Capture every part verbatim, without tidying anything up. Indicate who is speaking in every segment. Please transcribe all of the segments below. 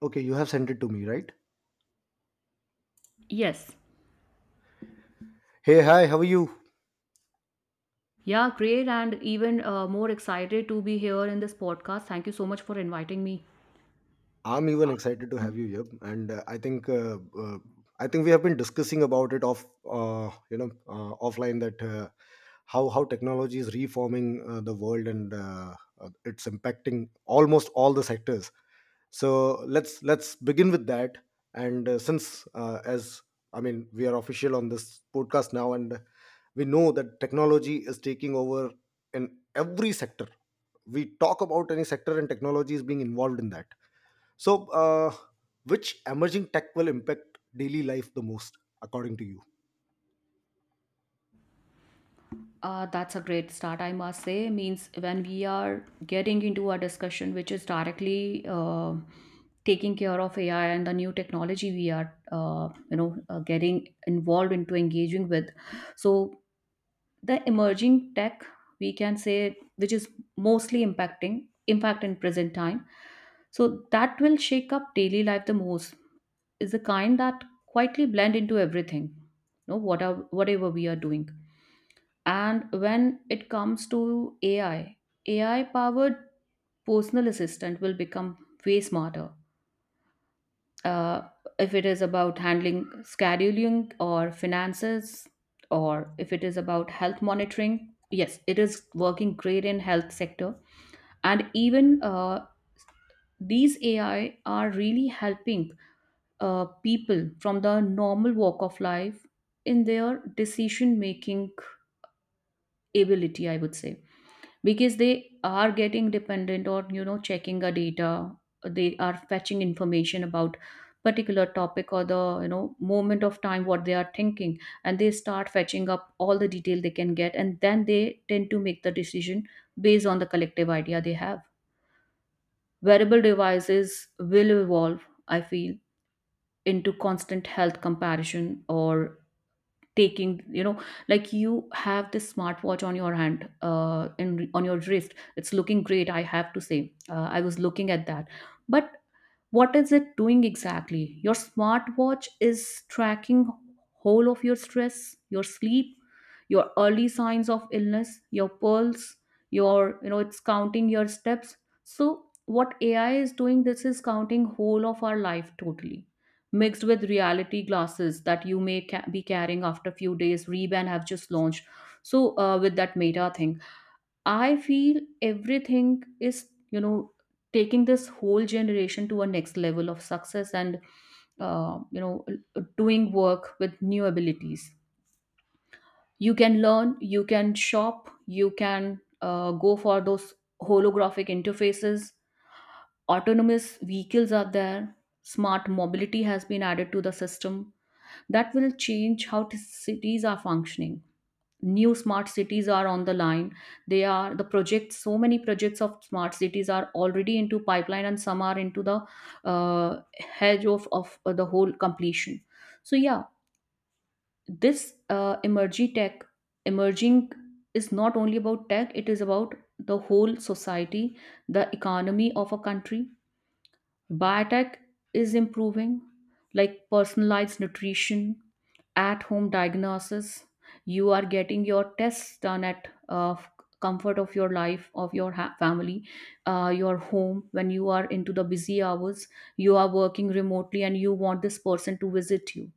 Speaker 1: Okay, you have sent it to me, right?
Speaker 2: Yes.
Speaker 1: Hey, hi, how are you?
Speaker 2: Yeah, great. And even uh, more excited to be here in this podcast. Thank you so much for inviting me.
Speaker 1: I'm even excited to have you here, and uh, I think uh, uh, I think we have been discussing about it off, uh, you know, uh, offline that uh, how how technology is reforming uh, the world and uh, uh, it's impacting almost all the sectors. So let's let's begin with that. And uh, since uh, as I mean, we are official on this podcast now, and we know that technology is taking over in every sector, we talk about any sector and technology is being involved in that. So uh, which emerging tech will impact daily life the most, according to you?
Speaker 2: Uh, that's a great start, I must say. Means when we are getting into a discussion which is directly uh, taking care of A I and the new technology we are, uh, you know, uh, getting involved into engaging with. So the emerging tech we can say which is mostly impacting impact in present time, so that will shake up daily life the most, is the kind that quietly blend into everything, you know what are- whatever we are doing. And when it comes to ai ai powered personal assistant will become way smarter, uh, if it is about handling scheduling or finances, or if it is about health monitoring. Yes, it is working great in health sector. And even uh, these AI are really helping uh, people from the normal walk of life in their decision making ability, I would say, because they are getting dependent on, you know checking a data. They are fetching information about particular topic or the, you know moment of time what they are thinking, and they start fetching up all the detail they can get, and then they tend to make the decision based on the collective idea they have. Wearable devices will evolve, I feel, into constant health comparison or taking, you know like you have this smartwatch on your hand, uh in on your wrist. It's looking great, I have to say. Uh, i was looking at that. But what is it doing exactly? Your smartwatch is tracking whole of your stress, your sleep, your early signs of illness, your pulse, your, you know it's counting your steps. So what A I is doing, this is counting whole of our life, totally mixed with reality glasses that you may ca- be carrying after few days. Ray-Ban have just launched. So uh, with that Meta thing, I feel everything is, you know, taking this whole generation to a next level of success and, uh, you know, doing work with new abilities. You can learn, you can shop, you can uh, go for those holographic interfaces. Autonomous vehicles are there. Smart mobility has been added to the system that will change how t- cities are functioning. New smart cities are on the line. They are the projects. So many projects of smart cities are already into pipeline, and some are into the uh, hedge of, of uh, the whole completion. So yeah, this uh, emerging tech, emerging is not only about tech, it is about the whole society, the economy of a country. Biotech is improving, like personalized nutrition, at home diagnosis. You are getting your tests done at uh, comfort of your life, of your ha- family, uh, your home. When you are into the busy hours, you are working remotely and you want this person to visit you.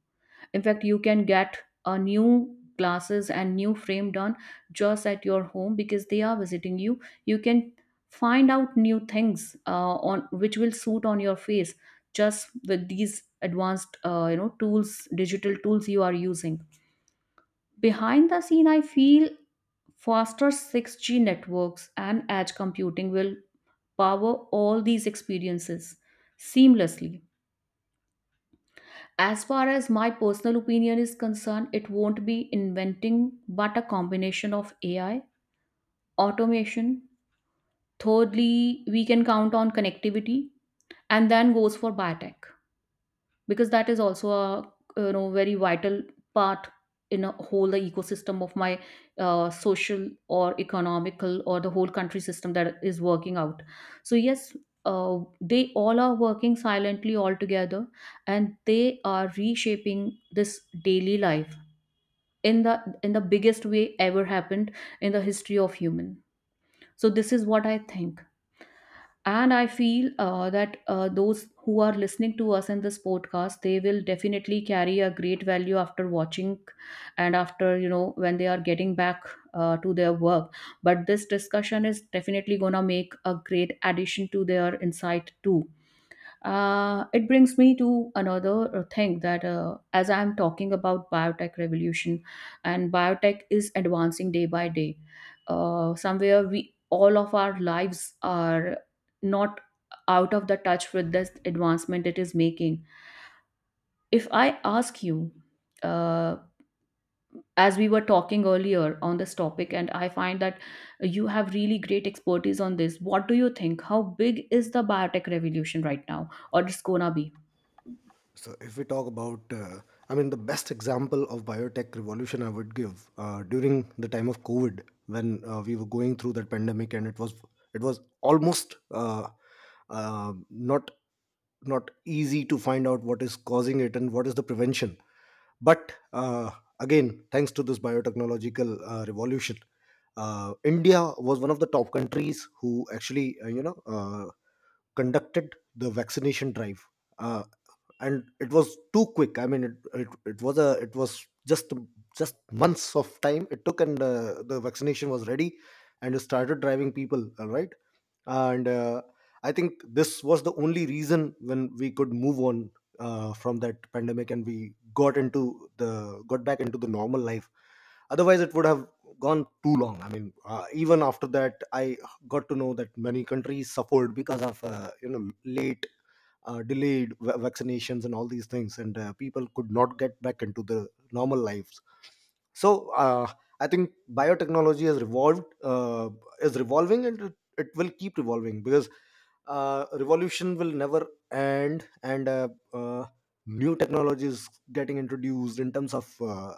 Speaker 2: In fact, you can get a new glasses and new frame done just at your home because they are visiting you, you can find out new things uh, on which will suit on your face, just with these advanced, uh, you know tools, digital tools you are using. Behind the scene, I feel faster six G networks and edge computing will power all these experiences seamlessly. As far as my personal opinion is concerned, it won't be inventing but a combination of A I, automation. Thirdly, we can count on connectivity, and then goes for biotech because that is also a, you know very vital part in a whole the ecosystem of my uh, social or economical or the whole country system that is working out. So yes, uh, they all are working silently all together, and they are reshaping this daily life in the in the biggest way ever happened in the history of human. So this is what I think. And I feel uh, that uh, those who are listening to us in this podcast, they will definitely carry a great value after watching and after, you know when they are getting back uh, to their work. But this discussion is definitely going to make a great addition to their insight too. Uh, it brings me to another uh, thing, that uh, as I'm talking about biotech revolution, and biotech is advancing day by day. Uh, somewhere we all of our lives are not out of the touch with this advancement it is making. If I ask you, uh, as we were talking earlier on this topic, and I find that you have really great expertise on this, what do you think? How big is the biotech revolution right now, or it's gonna be?
Speaker 1: So if we talk about uh, I mean, the best example of biotech revolution I would give uh, during the time of COVID, when uh, we were going through that pandemic, and it was it was almost uh, uh, not not easy to find out what is causing it and what is the prevention. But uh, again, thanks to this biotechnological uh, revolution, uh, India was one of the top countries who actually, uh, you know, uh, conducted the vaccination drive, uh, and it was too quick. I mean, it, it, it was a it was just just months of time it took, and uh, the vaccination was ready, and it started driving people. All right, and uh, I think this was the only reason when we could move on uh, from that pandemic, and we got into the got back into the normal life. Otherwise it would have gone too long. I mean, uh, even after that, I got to know that many countries suffered because of uh, you know late uh, delayed va- vaccinations and all these things, and uh, people could not get back into the normal lives. So uh, I think biotechnology has revolved uh, is revolving and it will keep revolving because uh, revolution will never end. And uh, uh, new technologies getting introduced in terms of uh,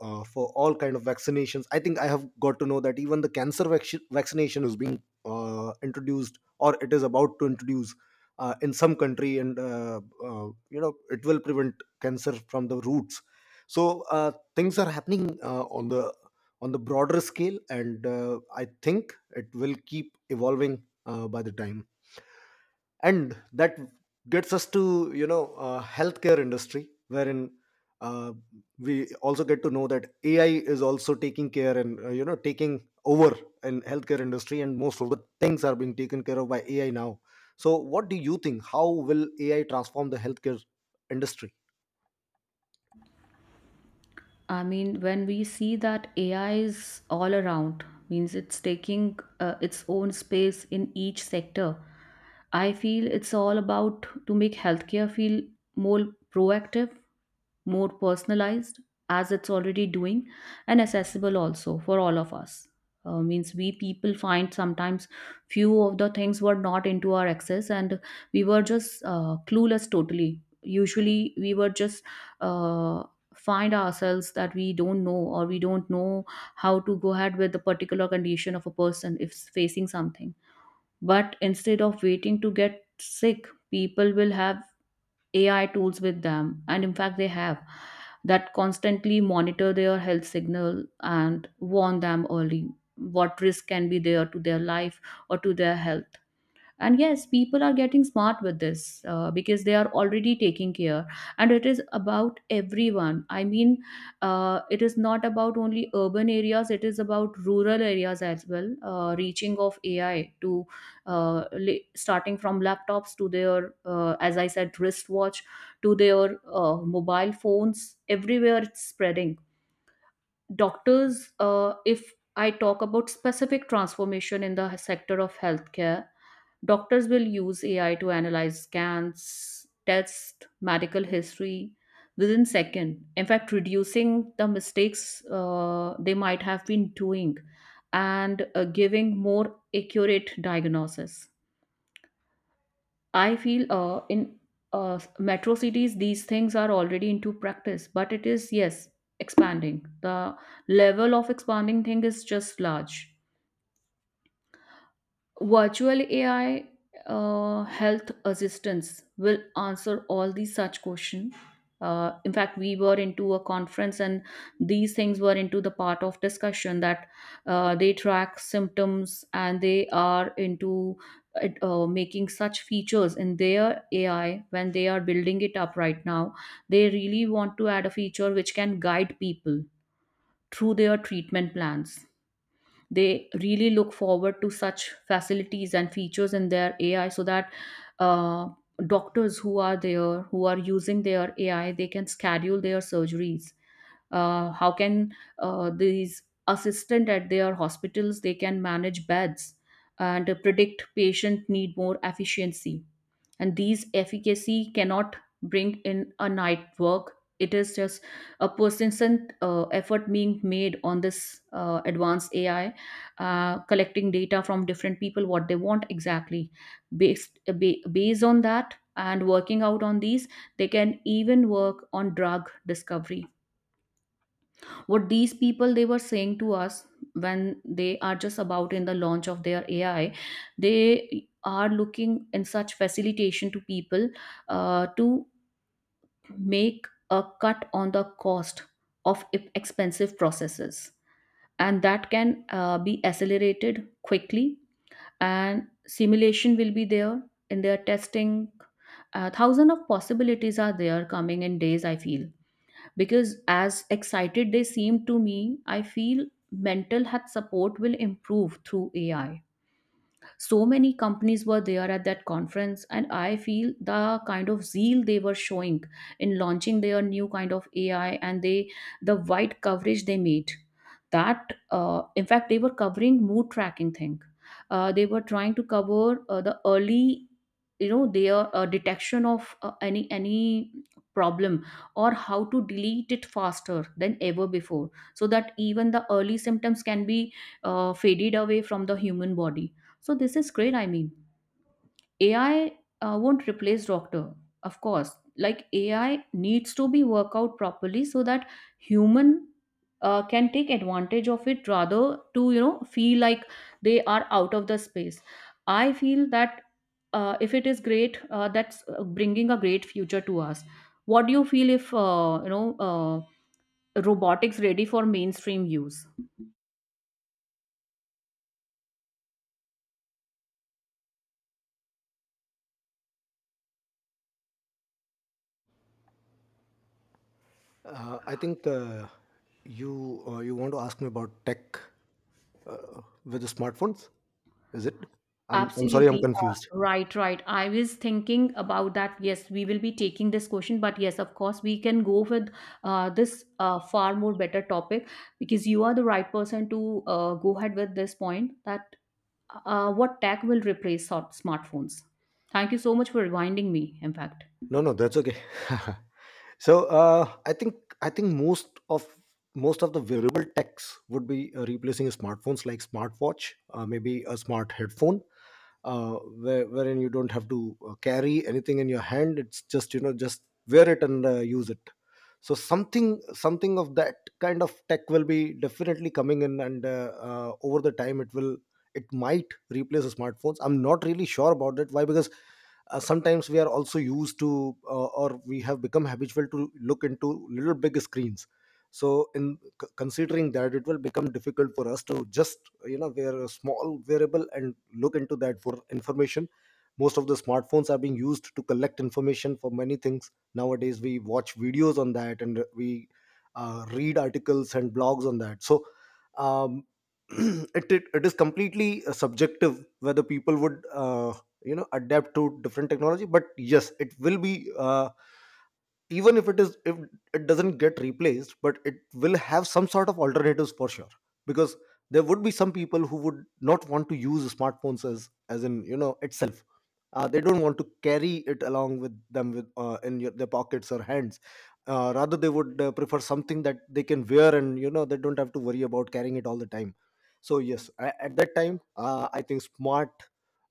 Speaker 1: uh, for all kind of vaccinations, I think I have got to know that even the cancer vac- vaccination is being uh, introduced or it is about to introduce uh, in some country, and uh, uh, you know it will prevent cancer from the roots. So uh, things are happening uh, on the on the broader scale, and uh, I think it will keep evolving uh, by the time. And that gets us to, you know, uh, healthcare industry, wherein uh, we also get to know that AI is also taking care and, uh, you know, taking over in healthcare industry, and most of the things are being taken care of by AI now. So what do you think, how will AI transform the healthcare industry?
Speaker 2: I mean, when we see that A I is all around, means it's taking uh, its own space in each sector. I feel it's all about to make healthcare feel more proactive, more personalized, as it's already doing, and accessible also for all of us. Uh, means we people find sometimes few of the things were not into our access, and we were just uh, clueless totally. Usually we were just uh, find ourselves that we don't know, or we don't know how to go ahead with the particular condition of a person if facing something. But instead of waiting to get sick, people will have A I tools with them, and in fact, they have that constantly monitor their health signal and warn them early what risk can be there to their life or to their health. And yes, people are getting smart with this, uh, because they are already taking care. And it is about everyone, I mean, uh, it is not about only urban areas, it is about rural areas as well. Uh, reaching of AI to, uh, la- starting from laptops to their, uh, as I said, wristwatch, to their uh, mobile phones, everywhere it's spreading. Doctors, uh, if I talk about specific transformation in the sector of healthcare. Doctors will use A I to analyze scans, test medical history within second. In fact, reducing the mistakes uh, they might have been doing and uh, giving more accurate diagnosis. I feel uh, in uh, metro cities these things are already into practice, but it is, yes, expanding. The level of expanding thing is just large. Virtual A I uh, health assistants will answer all these such questions. Uh, in fact, we were into a conference, and these things were into the part of discussion that uh, they track symptoms, and they are into it, uh, making such features in their A I when they are building it up right now. They really want to add a feature which can guide people through their treatment plans. They really look forward to such facilities and features in their AI so that uh, doctors who are there who are using their AI, they can schedule their surgeries. Uh, how can, uh, these assistant at their hospitals, they can manage beds and predict patient need more efficiency. And these efficacy cannot bring in a night work. It is just a persistent uh, effort being made on this uh, advanced AI, uh, collecting data from different people what they want exactly, based uh, ba- based on that, and working out on these, they can even work on drug discovery. What these people, they were saying to us, when they are just about in the launch of their AI, they are looking in such facilitation to people, uh, to make a cut on the cost of e- expensive processes, and that can uh, be accelerated quickly. And simulation will be there in their testing. Uh, thousand of possibilities are there coming in days, I feel, because as excited they seem to me, I feel mental health support will improve through AI. So many companies were there at that conference, and I feel the kind of zeal they were showing in launching their new kind of AI and they the wide coverage they made. That uh, in fact, they were covering mood tracking thing. Uh, they were trying to cover uh, the early, you know their uh, detection of uh, any any problem, or how to delete it faster than ever before, so that even the early symptoms can be uh, faded away from the human body. So this is great. I mean, A I uh, won't replace doctor, of course. Like A I needs to be worked out properly so that human uh, can take advantage of it rather to you know feel like they are out of the space. I feel that uh, if it is great, uh, that's uh, bringing a great future to us. What do you feel if uh, you know uh, robotics ready for mainstream use?
Speaker 1: uh, I think uh, you uh, you want to ask me about tech uh, with the smartphones, is it? I'm i'm sorry, I'm
Speaker 2: Absolutely.
Speaker 1: confused.
Speaker 2: uh, right, right. I was thinking about that. Yes, we will be taking this question, but yes, of course, we can go with uh, this uh, far more better topic because you are the right person to uh, go ahead with this point that uh, what tech will replace sort- smartphones. Thank you so much for reminding me, in fact.
Speaker 1: No, no, that's okay. So, uh, I think I think most of most of the wearable techs would be uh, replacing smartphones, like smartwatch, uh, maybe a smart headphone, uh, where, wherein you don't have to uh, carry anything in your hand, it's just, you know, just wear it and uh, use it. So something something of that kind of tech will be definitely coming in, and uh, uh, over the time it will, it might replace the smartphones. I'm not really sure about it. Why? Because uh, sometimes we are also used to uh, or we have become habitual to look into little big screens. So in c- considering that, it will become difficult for us to just, you know, wear a small variable and look into that for information. Most of the smartphones are being used to collect information for many things nowadays. We watch videos on that, and we uh, read articles and blogs on that. So um, it, it, it is completely uh, subjective whether people would uh, you know, adapt to different technology. But yes, it will be uh, even if it is, if it doesn't get replaced, but it will have some sort of alternatives for sure, because there would be some people who would not want to use smartphones as as in, you know, itself. Uh, they don't want to carry it along with them with uh, in your, their pockets or hands. Uh, rather, they would uh, prefer something that they can wear, and you know, they don't have to worry about carrying it all the time. So yes, a- at that time, uh, I think smart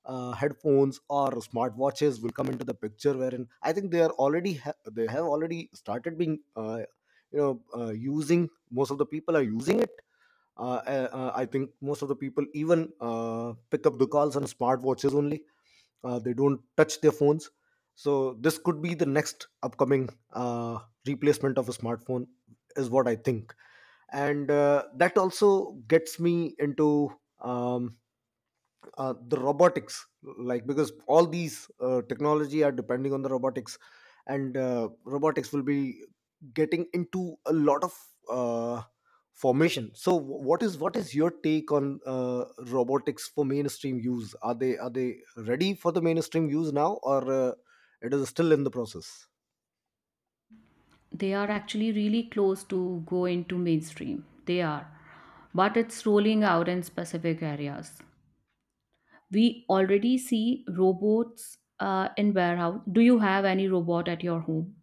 Speaker 1: uh, headphones or smartwatches will come into the picture, wherein I think they are already ha- they have already started being uh, you know uh, using. Most of the people are using it. uh, uh, uh, I think most of the people even uh, pick up the calls on smartwatches only. Uh, they don't touch their phones. So this could be the next upcoming uh, replacement of a smartphone, is what I think. And uh, that also gets me into um, uh, the robotics, like, because all these uh, technology are depending on the robotics, and uh, robotics will be getting into a lot of uh, formation. So wh- what is what is your take on uh, robotics for mainstream use? Are they are they ready for the mainstream use now, or uh, it is still in the process?
Speaker 2: They are actually really close to go into mainstream. They are. But it's rolling out in specific areas. We already see robots uh, in warehouse. Do you have any robot at your home?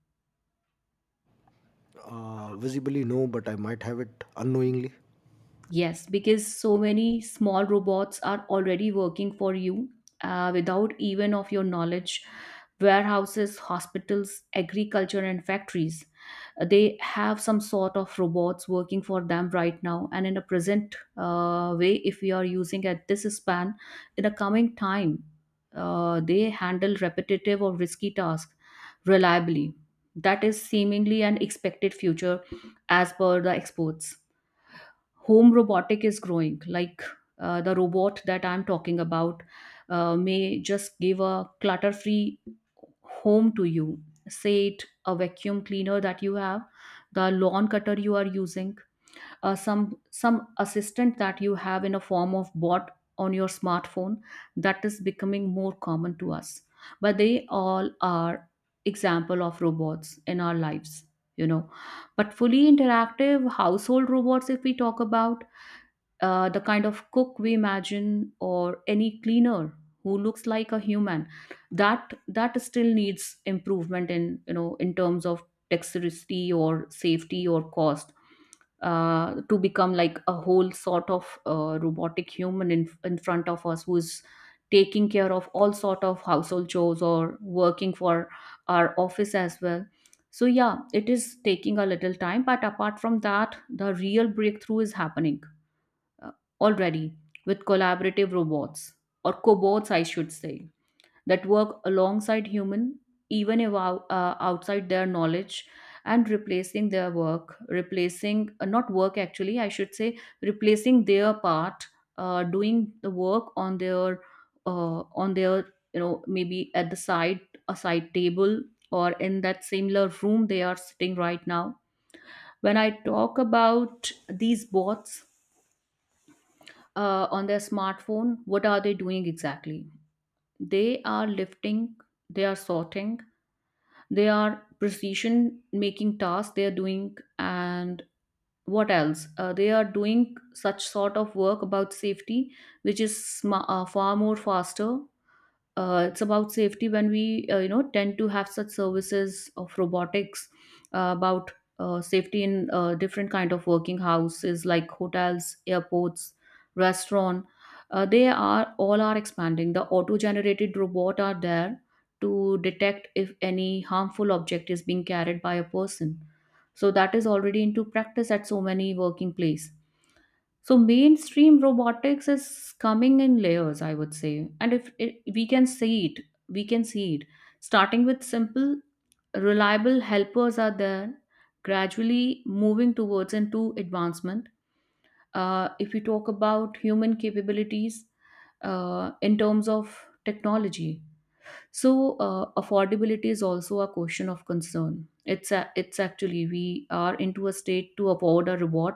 Speaker 1: uh, Visibly no, but I might have it unknowingly.
Speaker 2: Yes, because so many small robots are already working for you uh, without even of your knowledge. Warehouses, hospitals, agriculture, and factories, uh, they have some sort of robots working for them right now. And in a present uh, way, if we are using at this span, in the coming time, uh, they handle repetitive or risky tasks reliably. That is seemingly an expected future as per the experts. Home robotic is growing like uh, the robot that I'm talking about uh, may just give a clutter free home to you. Say it a vacuum cleaner that you have, the lawn cutter you are using, uh, some some assistant that you have in a form of bot on your smartphone, that is becoming more common to us. But they all are example of robots in our lives, you know. But fully interactive household robots, if we talk about, uh, the kind of cook we imagine or any cleaner who looks like a human, that that still needs improvement in, you know, in terms of dexterity or safety or cost, uh, to become like a whole sort of uh, robotic human in, in front of us who's taking care of all sort of household chores or working for our office as well. So yeah, it is taking a little time, but apart from that, the real breakthrough is happening uh, already with collaborative robots, or cobots, I should say, that work alongside human, even if ou- uh, outside their knowledge, and replacing their work, replacing uh, not work actually, I should say, replacing their part, uh, doing the work on their uh, on their, you know, maybe at the side, a side table, or in that similar room they are sitting right now. When I talk about these bots, uh, on their smartphone, what are they doing exactly? They are lifting, they are sorting, they are precision making tasks they are doing, and what else uh, they are doing such sort of work about safety, which is sma- uh, far more faster. Uh, it's about safety when we uh, you know tend to have such services of robotics, uh, about uh, safety in uh, different kind of working houses like hotels, airports, restaurant. Uh, they are all are expanding, the auto generated robot are there to detect if any harmful object is being carried by a person. So that is already into practice at so many working place. So mainstream robotics is coming in layers, I would say, and if it, we can see it, we can see it. Starting with simple, reliable helpers are there, gradually moving towards into advancement. Uh, if we talk about human capabilities uh, in terms of technology, so uh, affordability is also a question of concern. It's a, it's actually we are into a state to afford a reward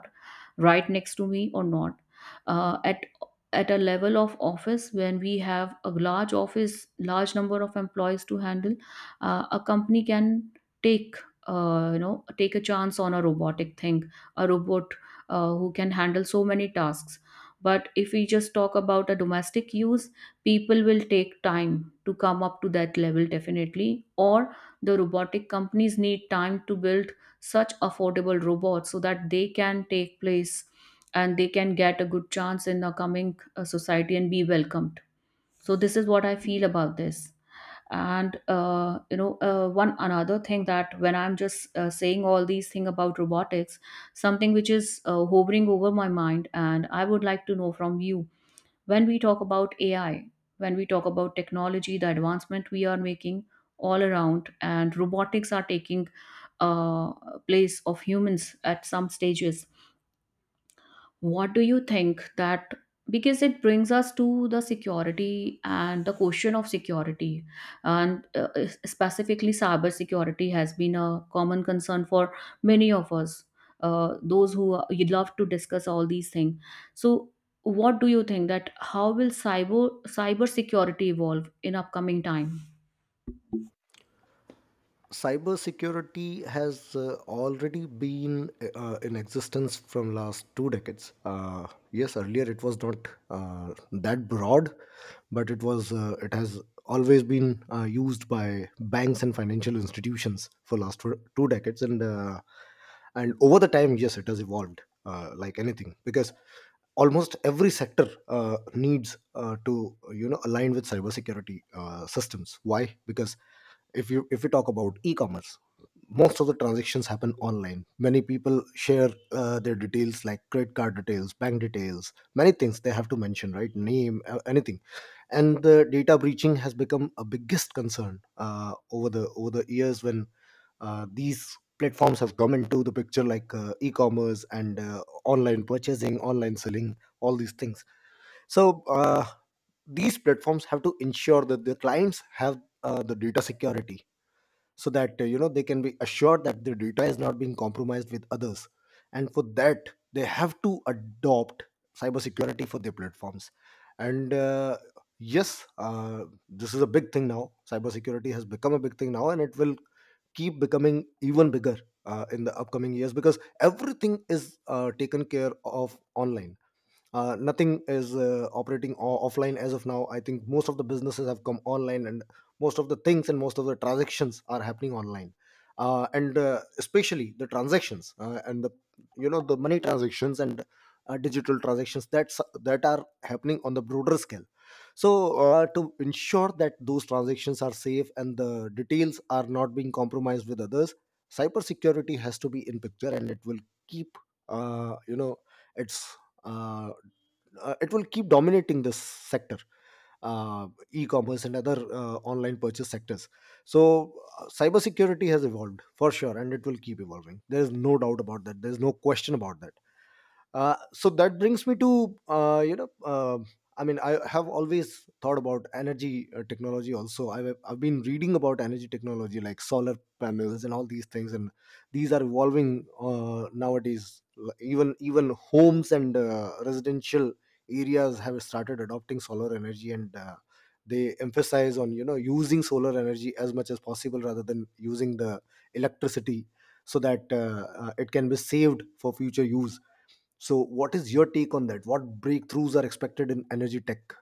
Speaker 2: right next to me or not. Uh, at at a level of office when we have a large office, large number of employees to handle, uh, a company can take uh, you know take a chance on a robotic thing, a robot uh, who can handle so many tasks. But if we just talk about a domestic use, people will take time to come up to that level definitely, or the robotic companies need time to build such affordable robots so that they can take place and they can get a good chance in the coming uh, society and be welcomed. So this is what I feel about this. And uh, you know uh, one another thing that when I'm just uh, saying all these things about robotics, something which is uh, hovering over my mind and I would like to know from you: when we talk about A I, when we talk about technology, the advancement we are making all around, and robotics are taking uh, place of humans at some stages, what do you think that, because it brings us to the security and the question of security, and uh, specifically cyber security has been a common concern for many of us, uh, those who are- you'd love to discuss all these things. So what do you think that how will cyber cyber security evolve in upcoming time?
Speaker 1: Cybersecurity has uh, already been uh, in existence from last two decades. Uh, yes, earlier it was not uh, that broad, but it was, uh, it has always been uh, used by banks and financial institutions for last two two decades, and uh, and over the time, yes, it has evolved uh, like anything, because almost every sector uh, needs uh, to, you know, align with cybersecurity uh, systems. Why? Because if you if we talk about e-commerce, most of the transactions happen online. Many people share uh, their details, like credit card details, bank details, many things they have to mention, right? Name, uh, anything. And the data breaching has become a biggest concern uh, over the over the years, when uh, these platforms have come into the picture, like uh, e-commerce and uh, online purchasing, online selling, all these things. So uh, these platforms have to ensure that their clients have uh, the data security, so that uh, you know they can be assured that their data is not being compromised with others. And for that, they have to adopt cybersecurity for their platforms. And uh, yes, uh, this is a big thing now. Cybersecurity has become a big thing now, and it will keep becoming even bigger uh, in the upcoming years, because everything is uh, taken care of online. Uh, nothing is uh, operating o- offline as of now. I think most of the businesses have come online, and most of the things and most of the transactions are happening online. Uh, and uh, Especially the transactions uh, and the, you know, the money transactions and uh, digital transactions, that's that are happening on the broader scale. So uh, to ensure that those transactions are safe and the details are not being compromised with others, cybersecurity has to be in picture, and it will keep uh, you know its uh uh, it will keep dominating this sector, uh, e-commerce and other uh, online purchase sectors. So uh, cybersecurity has evolved for sure, and it will keep evolving. There is no doubt about that, there is no question about that. Uh, so that brings me to uh, you know uh, I mean, I have always thought about energy uh, technology also. I've, I've been reading about energy technology, like solar panels and all these things, and these are evolving uh, nowadays. L- even even homes and uh, residential areas have started adopting solar energy, and uh, they emphasize on, you know, using solar energy as much as possible rather than using the electricity, so that uh, uh, it can be saved for future use. So, what is your take on that? What breakthroughs are expected in energy tech?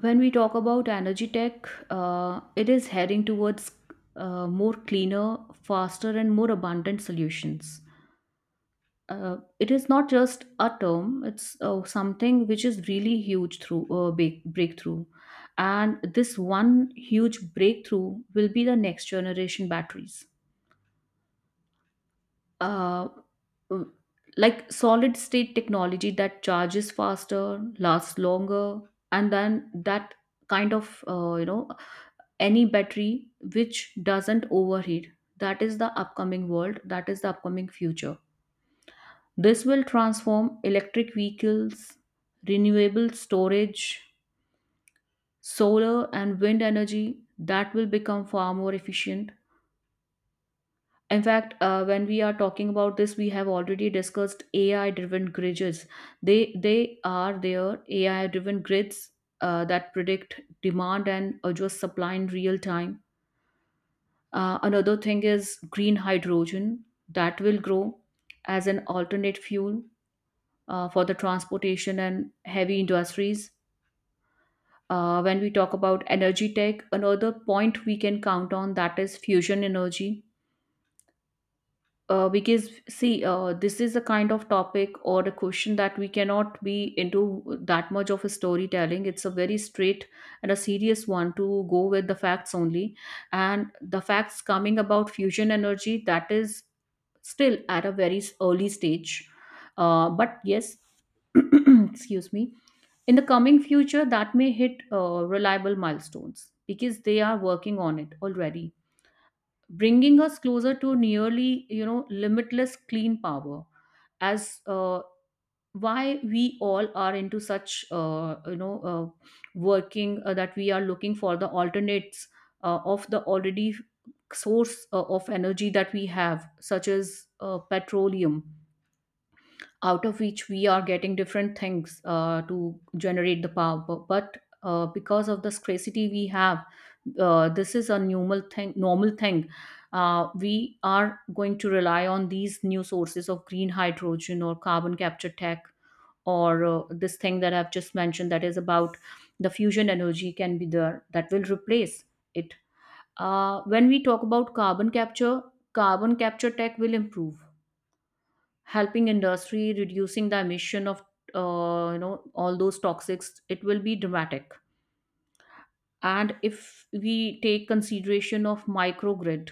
Speaker 2: When we talk about energy tech, uh, it is heading towards uh, more cleaner, faster and more abundant solutions. Uh, it is not just a term, it's uh, something which is really huge through uh, break, breakthrough. And this one huge breakthrough will be the next generation batteries. uh, mm, like solid state technology that charges faster, lasts longer, and then that kind of uh, you know any battery which doesn't overheat, that is the upcoming world, that is the upcoming future. This will transform electric vehicles, renewable storage, solar and wind energy that will become far more efficient. In fact, uh, when we are talking about this, we have already discussed A I-driven grids. They they are their A I-driven grids uh, that predict demand and adjust supply in real time. Uh, another thing is green hydrogen that will grow as an alternate fuel uh, for the transportation and heavy industries. Uh, when we talk about energy tech, another point we can count on that is fusion energy. Uh, because see, uh, this is a kind of topic or a question that we cannot be into that much of a storytelling. It's a very straight and a serious one to go with the facts only. And the facts coming about fusion energy, that is still at a very early stage. Uh, but yes, excuse me, in the coming future that may hit uh, reliable milestones because they are working on it already, bringing us closer to nearly, you know, limitless clean power, as uh, why we all are into such uh, you know uh, working uh, that we are looking for the alternates uh, of the already source uh, of energy that we have, such as uh, petroleum, out of which we are getting different things uh, to generate the power. Bu- But uh, because of the scarcity we have, uh, this is a normal thing. Normal thing. Uh, we are going to rely on these new sources of green hydrogen or carbon capture tech, or uh, this thing that I've just mentioned that is about the fusion energy can be there that will replace it. Uh, when we talk about carbon capture, carbon capture tech will improve, helping industry reducing the emission of uh, you know all those toxics. It will be dramatic. And if we take consideration of microgrid,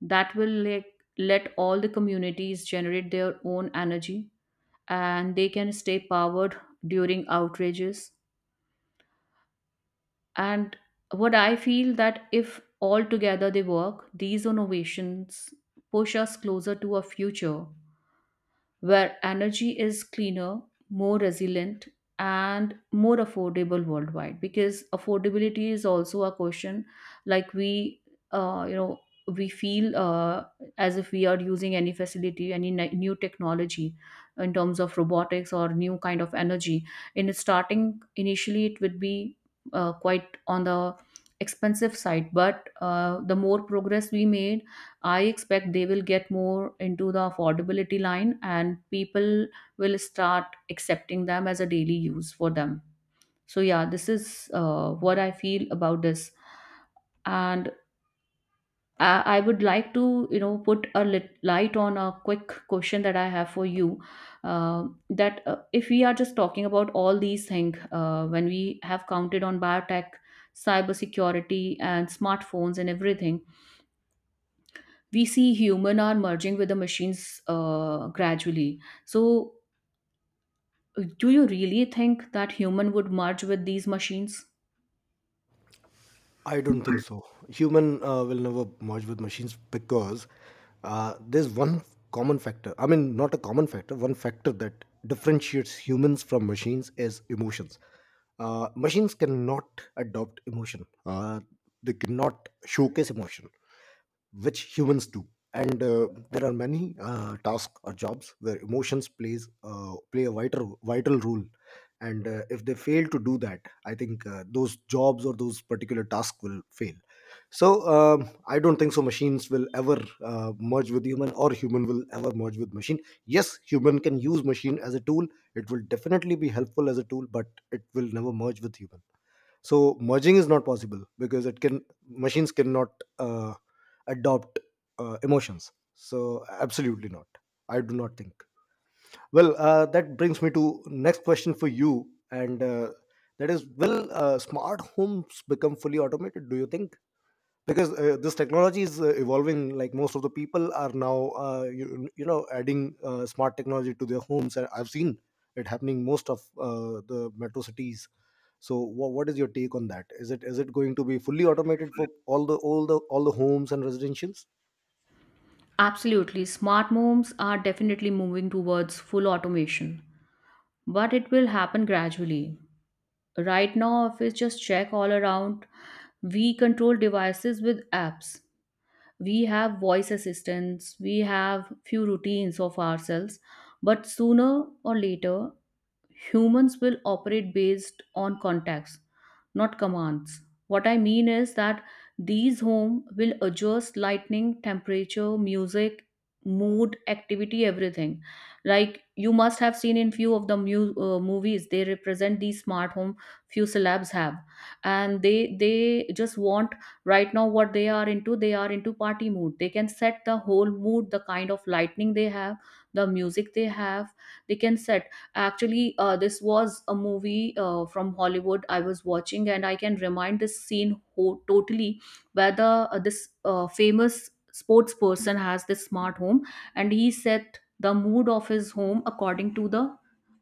Speaker 2: that will like let all the communities generate their own energy and they can stay powered during outrages. And what I feel that, if all together they work, these innovations push us closer to a future where energy is cleaner, more resilient, and more affordable worldwide. Because affordability is also a question, like we, uh, you know, we feel uh, as if we are using any facility, any ni- new technology in terms of robotics or new kind of energy. In the starting, initially, it would be uh, quite on the expensive side, but uh, the more progress we made, I expect they will get more into the affordability line and people will start accepting them as a daily use for them. So, yeah, this is uh, what I feel about this. And I, I would like to, you know, put a lit- light on a quick question that I have for you. Uh, that uh, if we are just talking about all these things, uh, when we have counted on biotech, cybersecurity, and smartphones and everything, we see human are merging with the machines uh, gradually. So, do you really think that human would merge with these machines?
Speaker 1: I don't think so. Human uh, will never merge with machines, because uh, there's one common factor. I mean, not a common factor. One factor that differentiates humans from machines is emotions. Uh, machines cannot adopt emotion. Uh, they cannot showcase emotion, which humans do. And uh, there are many uh, tasks or jobs where emotions plays uh, play a vital vital role, and uh, if they fail to do that, I think uh, those jobs or those particular tasks will fail. So um, I don't think so machines will ever uh, merge with human, or human will ever merge with machine. Yes, human can use machine as a tool, it will definitely be helpful as a tool, but it will never merge with human. So merging is not possible, because it can machines cannot uh, adopt uh, emotions. So absolutely not, I do not think. Well, uh, that brings me to next question for you, and uh, that is, will uh, smart homes become fully automated, do you think? Because uh, this technology is uh, evolving, like most of the people are now uh, you, you know, adding uh, smart technology to their homes, and I've seen it happening most of uh, the metro cities. So what, what is your take on that? Is it, is it going to be fully automated for all the all the all the homes and residentials?
Speaker 2: Absolutely. Smart homes are definitely moving towards full automation, but it will happen gradually. Right now, if we just check all around, we control devices with apps. We have voice assistants, we have few routines of ourselves, but sooner or later, humans will operate based on contacts, not commands. What I mean is that these home will adjust lighting, temperature, music, mood, activity, everything. Like you must have seen in few of the mu- uh, movies, they represent these smart home. Few celebs have. And they they just want right now what they are into, they are into party mood, they can set the whole mood, the kind of lightning they have, the music they have, they can set. Actually, uh, this was a movie uh, from Hollywood I was watching, and I can remind this scene ho- totally where the, uh, this uh, famous sports person has this smart home and he set the mood of his home according to the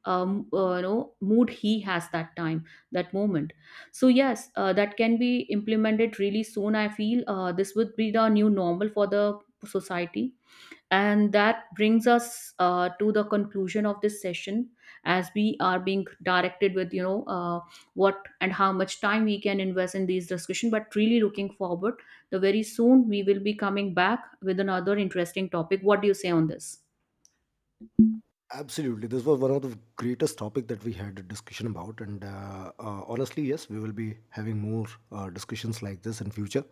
Speaker 2: um, uh, you know mood he has that time, that moment. So yes, uh, that can be implemented really soon, I feel. Uh, this would be the new normal for the society. And that brings us uh, to the conclusion of this session, as we are being directed with, you know, uh, what and how much time we can invest in these discussion. But really looking forward, the very soon we will be coming back with another interesting topic. What do you say on this?
Speaker 1: Absolutely. This was one of the greatest topic that we had a discussion about, and uh, uh, honestly, yes, we will be having more uh, discussions like this in future.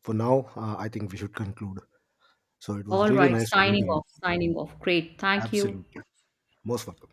Speaker 1: For now, uh, I think we should conclude. So it was
Speaker 2: All
Speaker 1: really
Speaker 2: right,
Speaker 1: nice talking to
Speaker 2: signing
Speaker 1: you.
Speaker 2: off, signing off. Great. Thank you.
Speaker 1: Absolutely, most welcome.